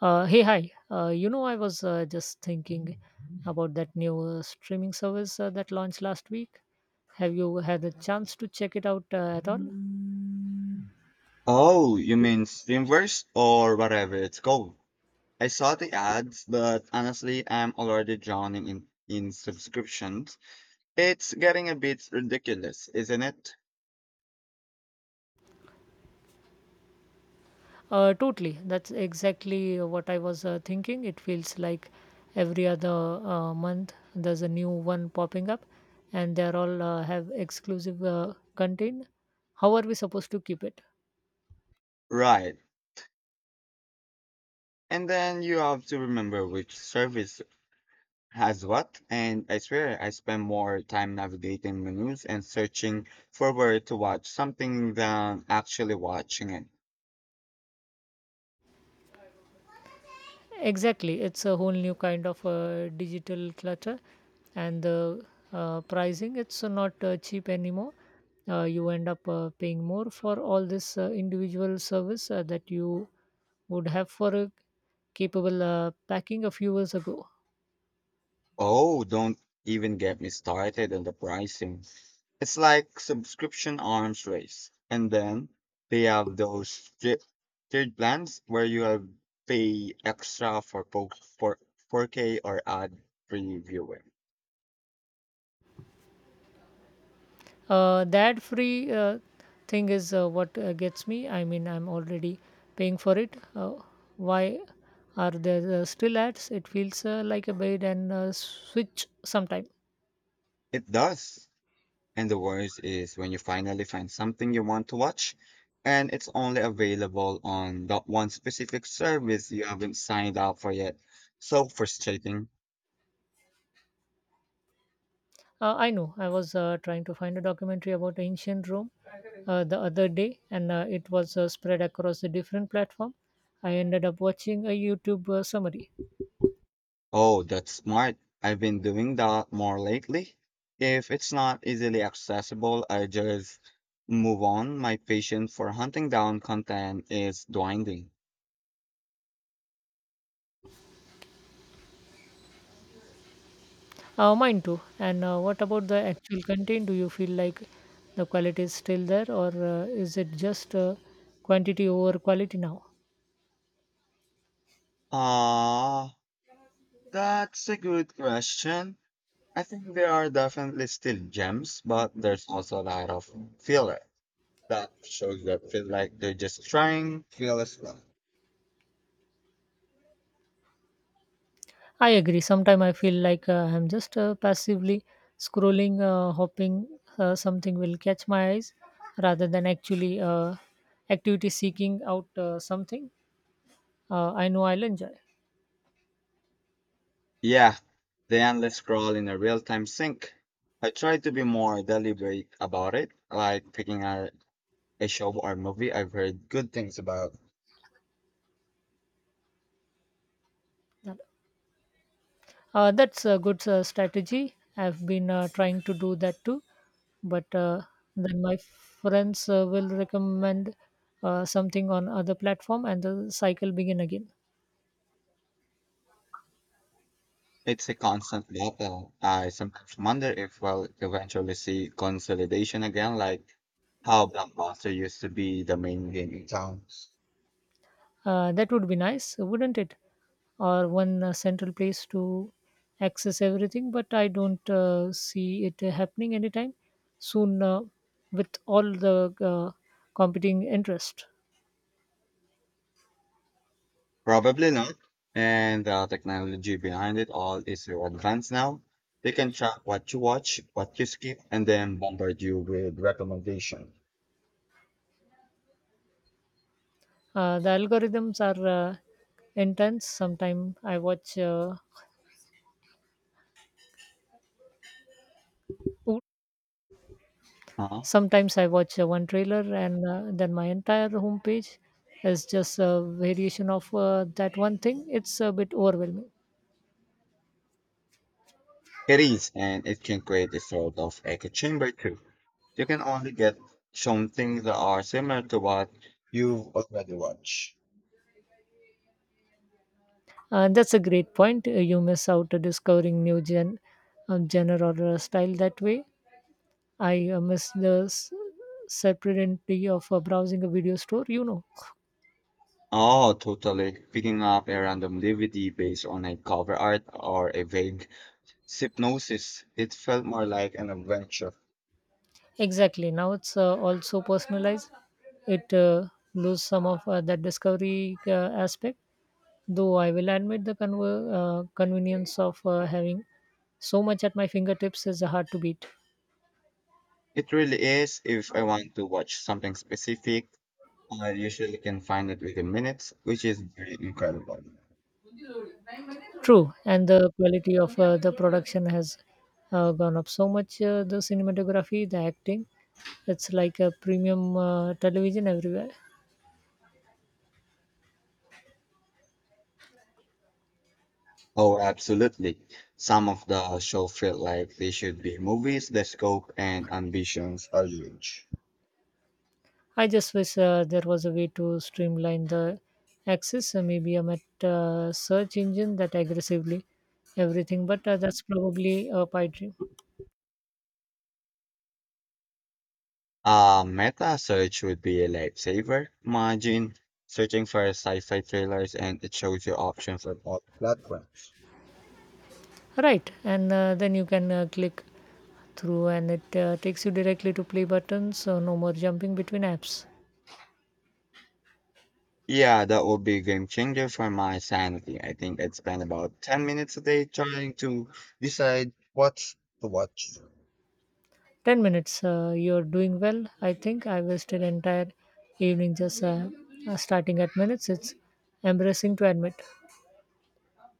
Hey, hi. I was just thinking about that new streaming service that launched last week. Have you had a chance to check it out at all? Oh, you mean Steamverse or whatever it's called? I saw the ads, but honestly, I'm already drowning in subscriptions. It's getting a bit ridiculous, isn't it? Totally. That's exactly what I was thinking. It feels like every other month there's a new one popping up, and they're all have exclusive content. How are we supposed to keep it? Right. And then you have to remember which service has what, and I swear I spend more time navigating menus and searching for where to watch something than actually watching it. Exactly, it's a whole new kind of digital clutter, and the pricing, it's not cheap anymore. You end up paying more for all this individual service that you would have for a capable packing a few years ago. Oh, don't even get me started on the pricing. It's like subscription arms race. And then they have tiered plans where you have pay extra for 4K or ad free viewing. That free thing is what gets me. I mean, I'm already paying for it. Why are there still ads? It feels like a bait and switch sometime. It does. And the worst is when you finally find something you want to watch and it's only available on that one specific service you haven't signed up for yet. So frustrating. I know. I was trying to find a documentary about ancient Rome the other day, and it was spread across a different platform. I ended up watching a YouTube summary. Oh, that's smart. I've been doing that more lately. If it's not easily accessible, I just move on. My patience for hunting down content is dwindling. Mine too. And what about the actual content? Do you feel like the quality is still there, or is it just quantity over quality now? Ah, that's a good question. I think there are definitely still gems, but there's also a lot of filler that shows that feel like they're just trying to feel as well. I agree. Sometimes I feel like I'm just passively scrolling, hoping something will catch my eyes rather than actually activity seeking out something I know I'll enjoy. Yeah, the endless scroll in a real-time sync. I try to be more deliberate about it, like a show or movie I've heard good things about. That's a good strategy. I've been trying to do that too, but then my friends will recommend something on other platform and the cycle begin again. It's a constant battle. I sometimes wonder if we'll eventually see consolidation again, like how Blockbuster used to be the main game in town. That would be nice, wouldn't it? Or one central place to access everything, but I don't see it happening anytime soon with all the competing interest. Probably not. And the technology behind it all is so advanced now. They can track what you watch, what you skip, and then bombard you with recommendations. The algorithms are intense. Oop, Sometimes I watch one trailer, and then my entire homepage is just a variation of that one thing. It's a bit overwhelming. It is, and it can create a sort of echo chamber too. You can only get shown things that are similar to what you've already watched. That's a great point. You miss out to discovering new genre or style that way. I miss the separately of browsing a video store, you know? Oh, totally. Picking up a random DVD based on a cover art or a vague synopsis, it felt more like an adventure. Exactly. Now it's also personalized. It lose some of that discovery aspect. Though I will admit the convenience of having so much at my fingertips is hard to beat. It really is. If I want to watch something specific, I usually can find it within minutes, which is very incredible. True, and the quality of the production has gone up so much. The cinematography, the acting, it's like a premium television everywhere. Oh, absolutely. Some of the show felt like they should be movies. The scope and ambitions are huge. I just wish there was a way to streamline the access, maybe a search engine that aggressively everything, but that's probably a pipe dream. A meta search would be a lifesaver. Imagine searching for sci-fi trailers and it shows you options on all platforms. Right, and then you can click through and it takes you directly to play button, so no more jumping between apps. Yeah, that would be a game changer for my sanity. I think I'd spend about 10 minutes a day trying to decide what to watch. 10 minutes. You're doing well. I think I wasted entire evening just starting at minutes. It's embarrassing to admit.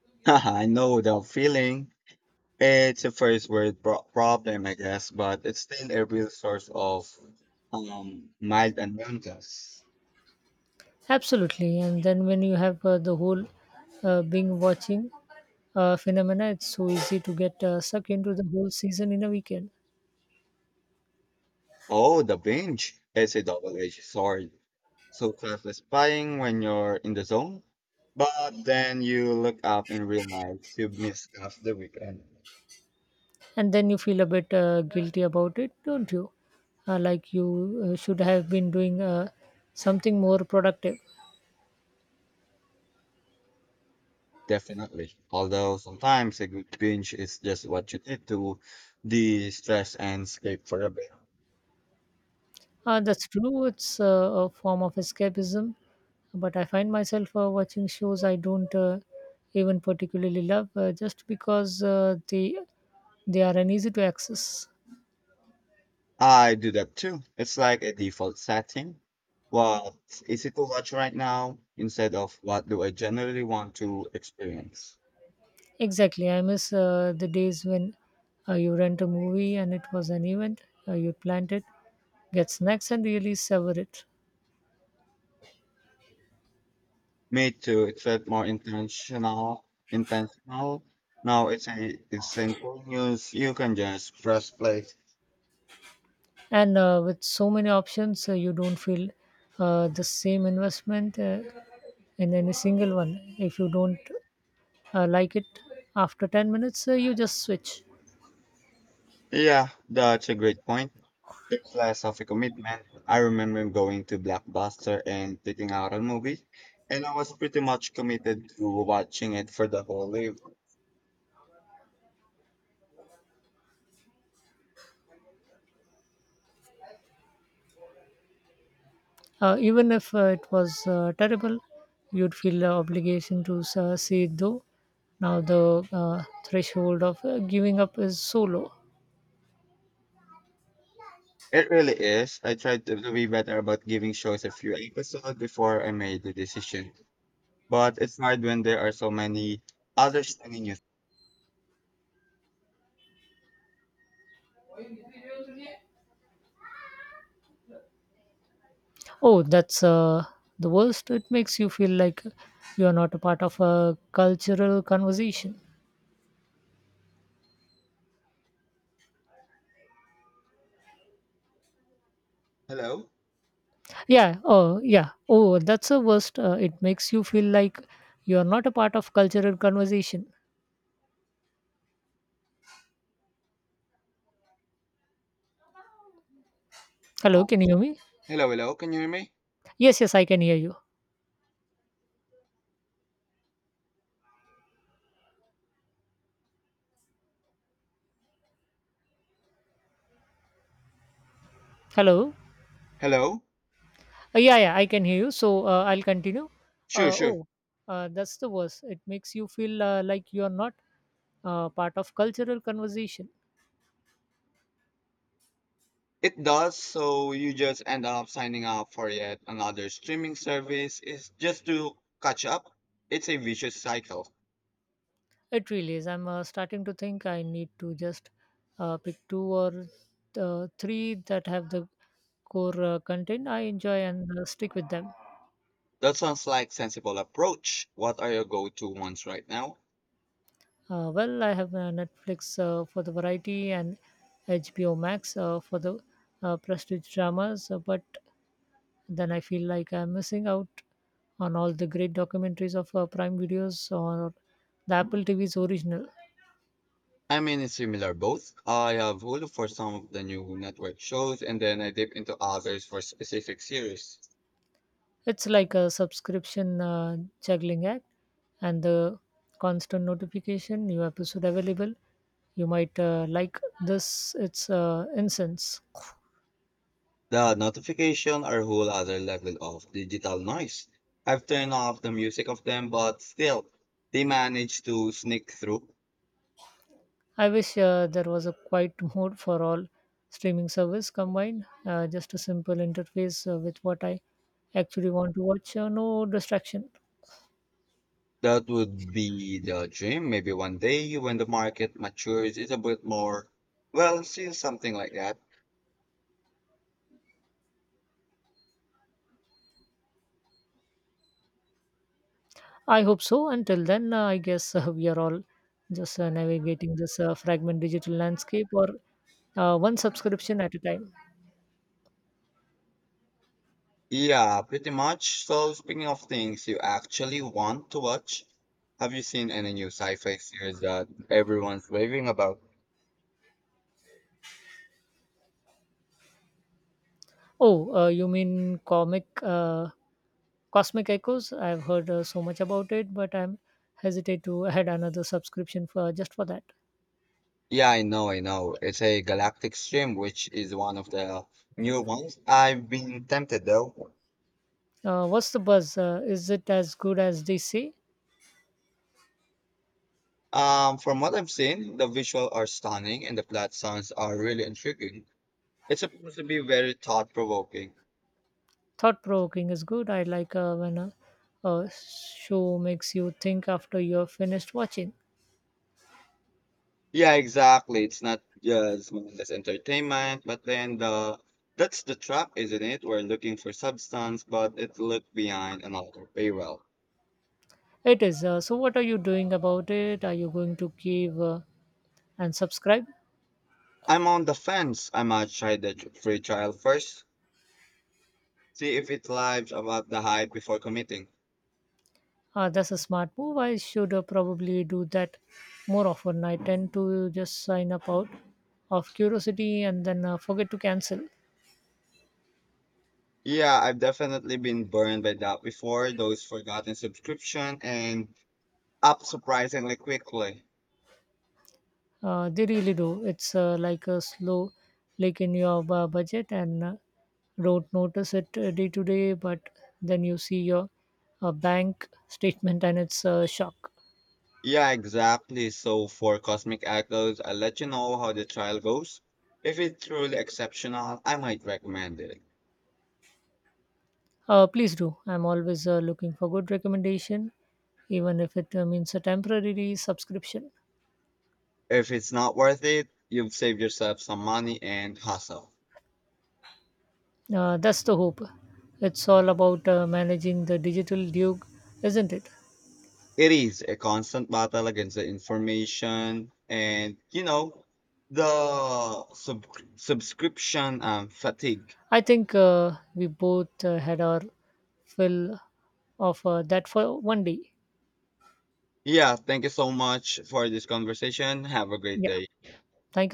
I know the feeling. It's a first problem, I guess, but it's still a real source of mild annoyances. Absolutely. And then when you have the whole being watching phenomena, it's so easy to get sucked into the whole season in a weekend. Oh, the binge is a double-edged sword. So satisfying when you're in the zone, but then you look up and realize you've missed half the weekend. And then you feel a bit guilty about it, don't you? Like you should have been doing something more productive. Definitely. Although sometimes a good binge is just what you need to de-stress and escape for a bit. That's true. It's a form of escapism, but I find myself watching shows I don't even particularly love just because they are uneasy to access. I do that too. It's like a default setting. What is easy to watch right now instead of what do I generally want to experience? Exactly, I miss the days when you rent a movie and it was an event. You planned it, get snacks, and really savor it. Me too. It felt more intentional. Intentional. Now it's simple news. You can just press play. And with so many options, you don't feel the same investment in any single one. If you don't like it after 10 minutes, you just switch. Yeah, that's a great point. It's less of a commitment. I remember going to Blockbuster and picking out a movie, and I was pretty much committed to watching it for the whole live. Even if it was terrible, you'd feel the obligation to see it. Though now the threshold of giving up is so low. It really is. I tried to be better about giving shows a few episodes before I made the decision. But it's hard when there are so many others telling you. Oh, that's the worst. It makes you feel like you are not a part of a cultural conversation. Hello? Yeah. Oh, yeah. Oh, that's the worst. It makes you feel like you are not a part of cultural conversation. Hello, Oh, can you hear me? hello, hello. Can you hear me? Yes, yes, I can hear you. Hello? Hello? Yeah, yeah, I can hear you. So I'll continue. Sure, sure. Oh, that's the worst. It makes you feel like you're not part of cultural conversation. It does, so you just end up signing up for yet another streaming service. It's just to catch up. It's a vicious cycle. It really is. I'm starting to think I need to just pick two or three that have the core content I enjoy and stick with them. That sounds like sensible approach. What are your go-to ones right now? Well, I have Netflix for the variety and HBO Max for the prestige dramas, but then I feel like I'm missing out on all the great documentaries of Prime Videos or the Apple TV's original. I'm in a similar boat. I have Hulu for some of the new network shows, and then I dip into others for specific series. It's like a subscription juggling act, and the constant notification new episode available. You might like this. It's incense. The notification are a whole other level of digital noise. I've turned off the music of them, but still, they manage to sneak through. I wish there was a quiet mode for all streaming service combined. Just a simple interface with what I actually want to watch. No distraction. That would be the dream. Maybe one day when the market matures, it's a bit more. Well, see something like that. I hope so. Until then, I guess we are all just navigating this fragment digital landscape or one subscription at a time. Yeah, pretty much. So, speaking of things you actually want to watch, have you seen any new sci-fi series that everyone's raving about? Oh, you mean comic Cosmic Echoes? I've heard so much about it, but I'm hesitate to add another subscription for just for that. Yeah, I know. It's a Galactic Stream, which is one of the new ones. I've been tempted though. What's the buzz? Is it as good as they say? From what I've seen, the visuals are stunning and the plot sounds are really intriguing. It's supposed to be very thought-provoking. Thought provoking is good. I like when a show makes you think after you're finished watching. Yeah, exactly. It's not just mindless entertainment, but then the that's the trap, isn't it? We're looking for substance, but it looked behind another paywall. It is. So, what are you doing about it? Are you going to give and subscribe? I'm on the fence. I might try free trial first, see if it lives about the hype before committing. That's a smart move. I should probably do that more often. I tend to just sign up out of curiosity and then forget to cancel. Yeah, I've definitely been burned by that before, those forgotten subscription and up surprisingly quickly. They really do. It's like a slow leak in your budget and don't notice it day to day, but then you see your bank statement and it's a shock. Yeah, exactly. So for Cosmic Echoes, I'll let you know how the trial goes. If it's truly exceptional, I might recommend it. Please do. I'm always looking for good recommendation, even if it means a temporary subscription. If it's not worth it, you've saved yourself some money and hassle. That's the hope. It's all about managing the digital duke, isn't it? It is a constant battle against the information and the subscription fatigue. I think we both had our fill of that for one day. Yeah, thank you so much for this conversation. Have a great Yeah. day. Thank you.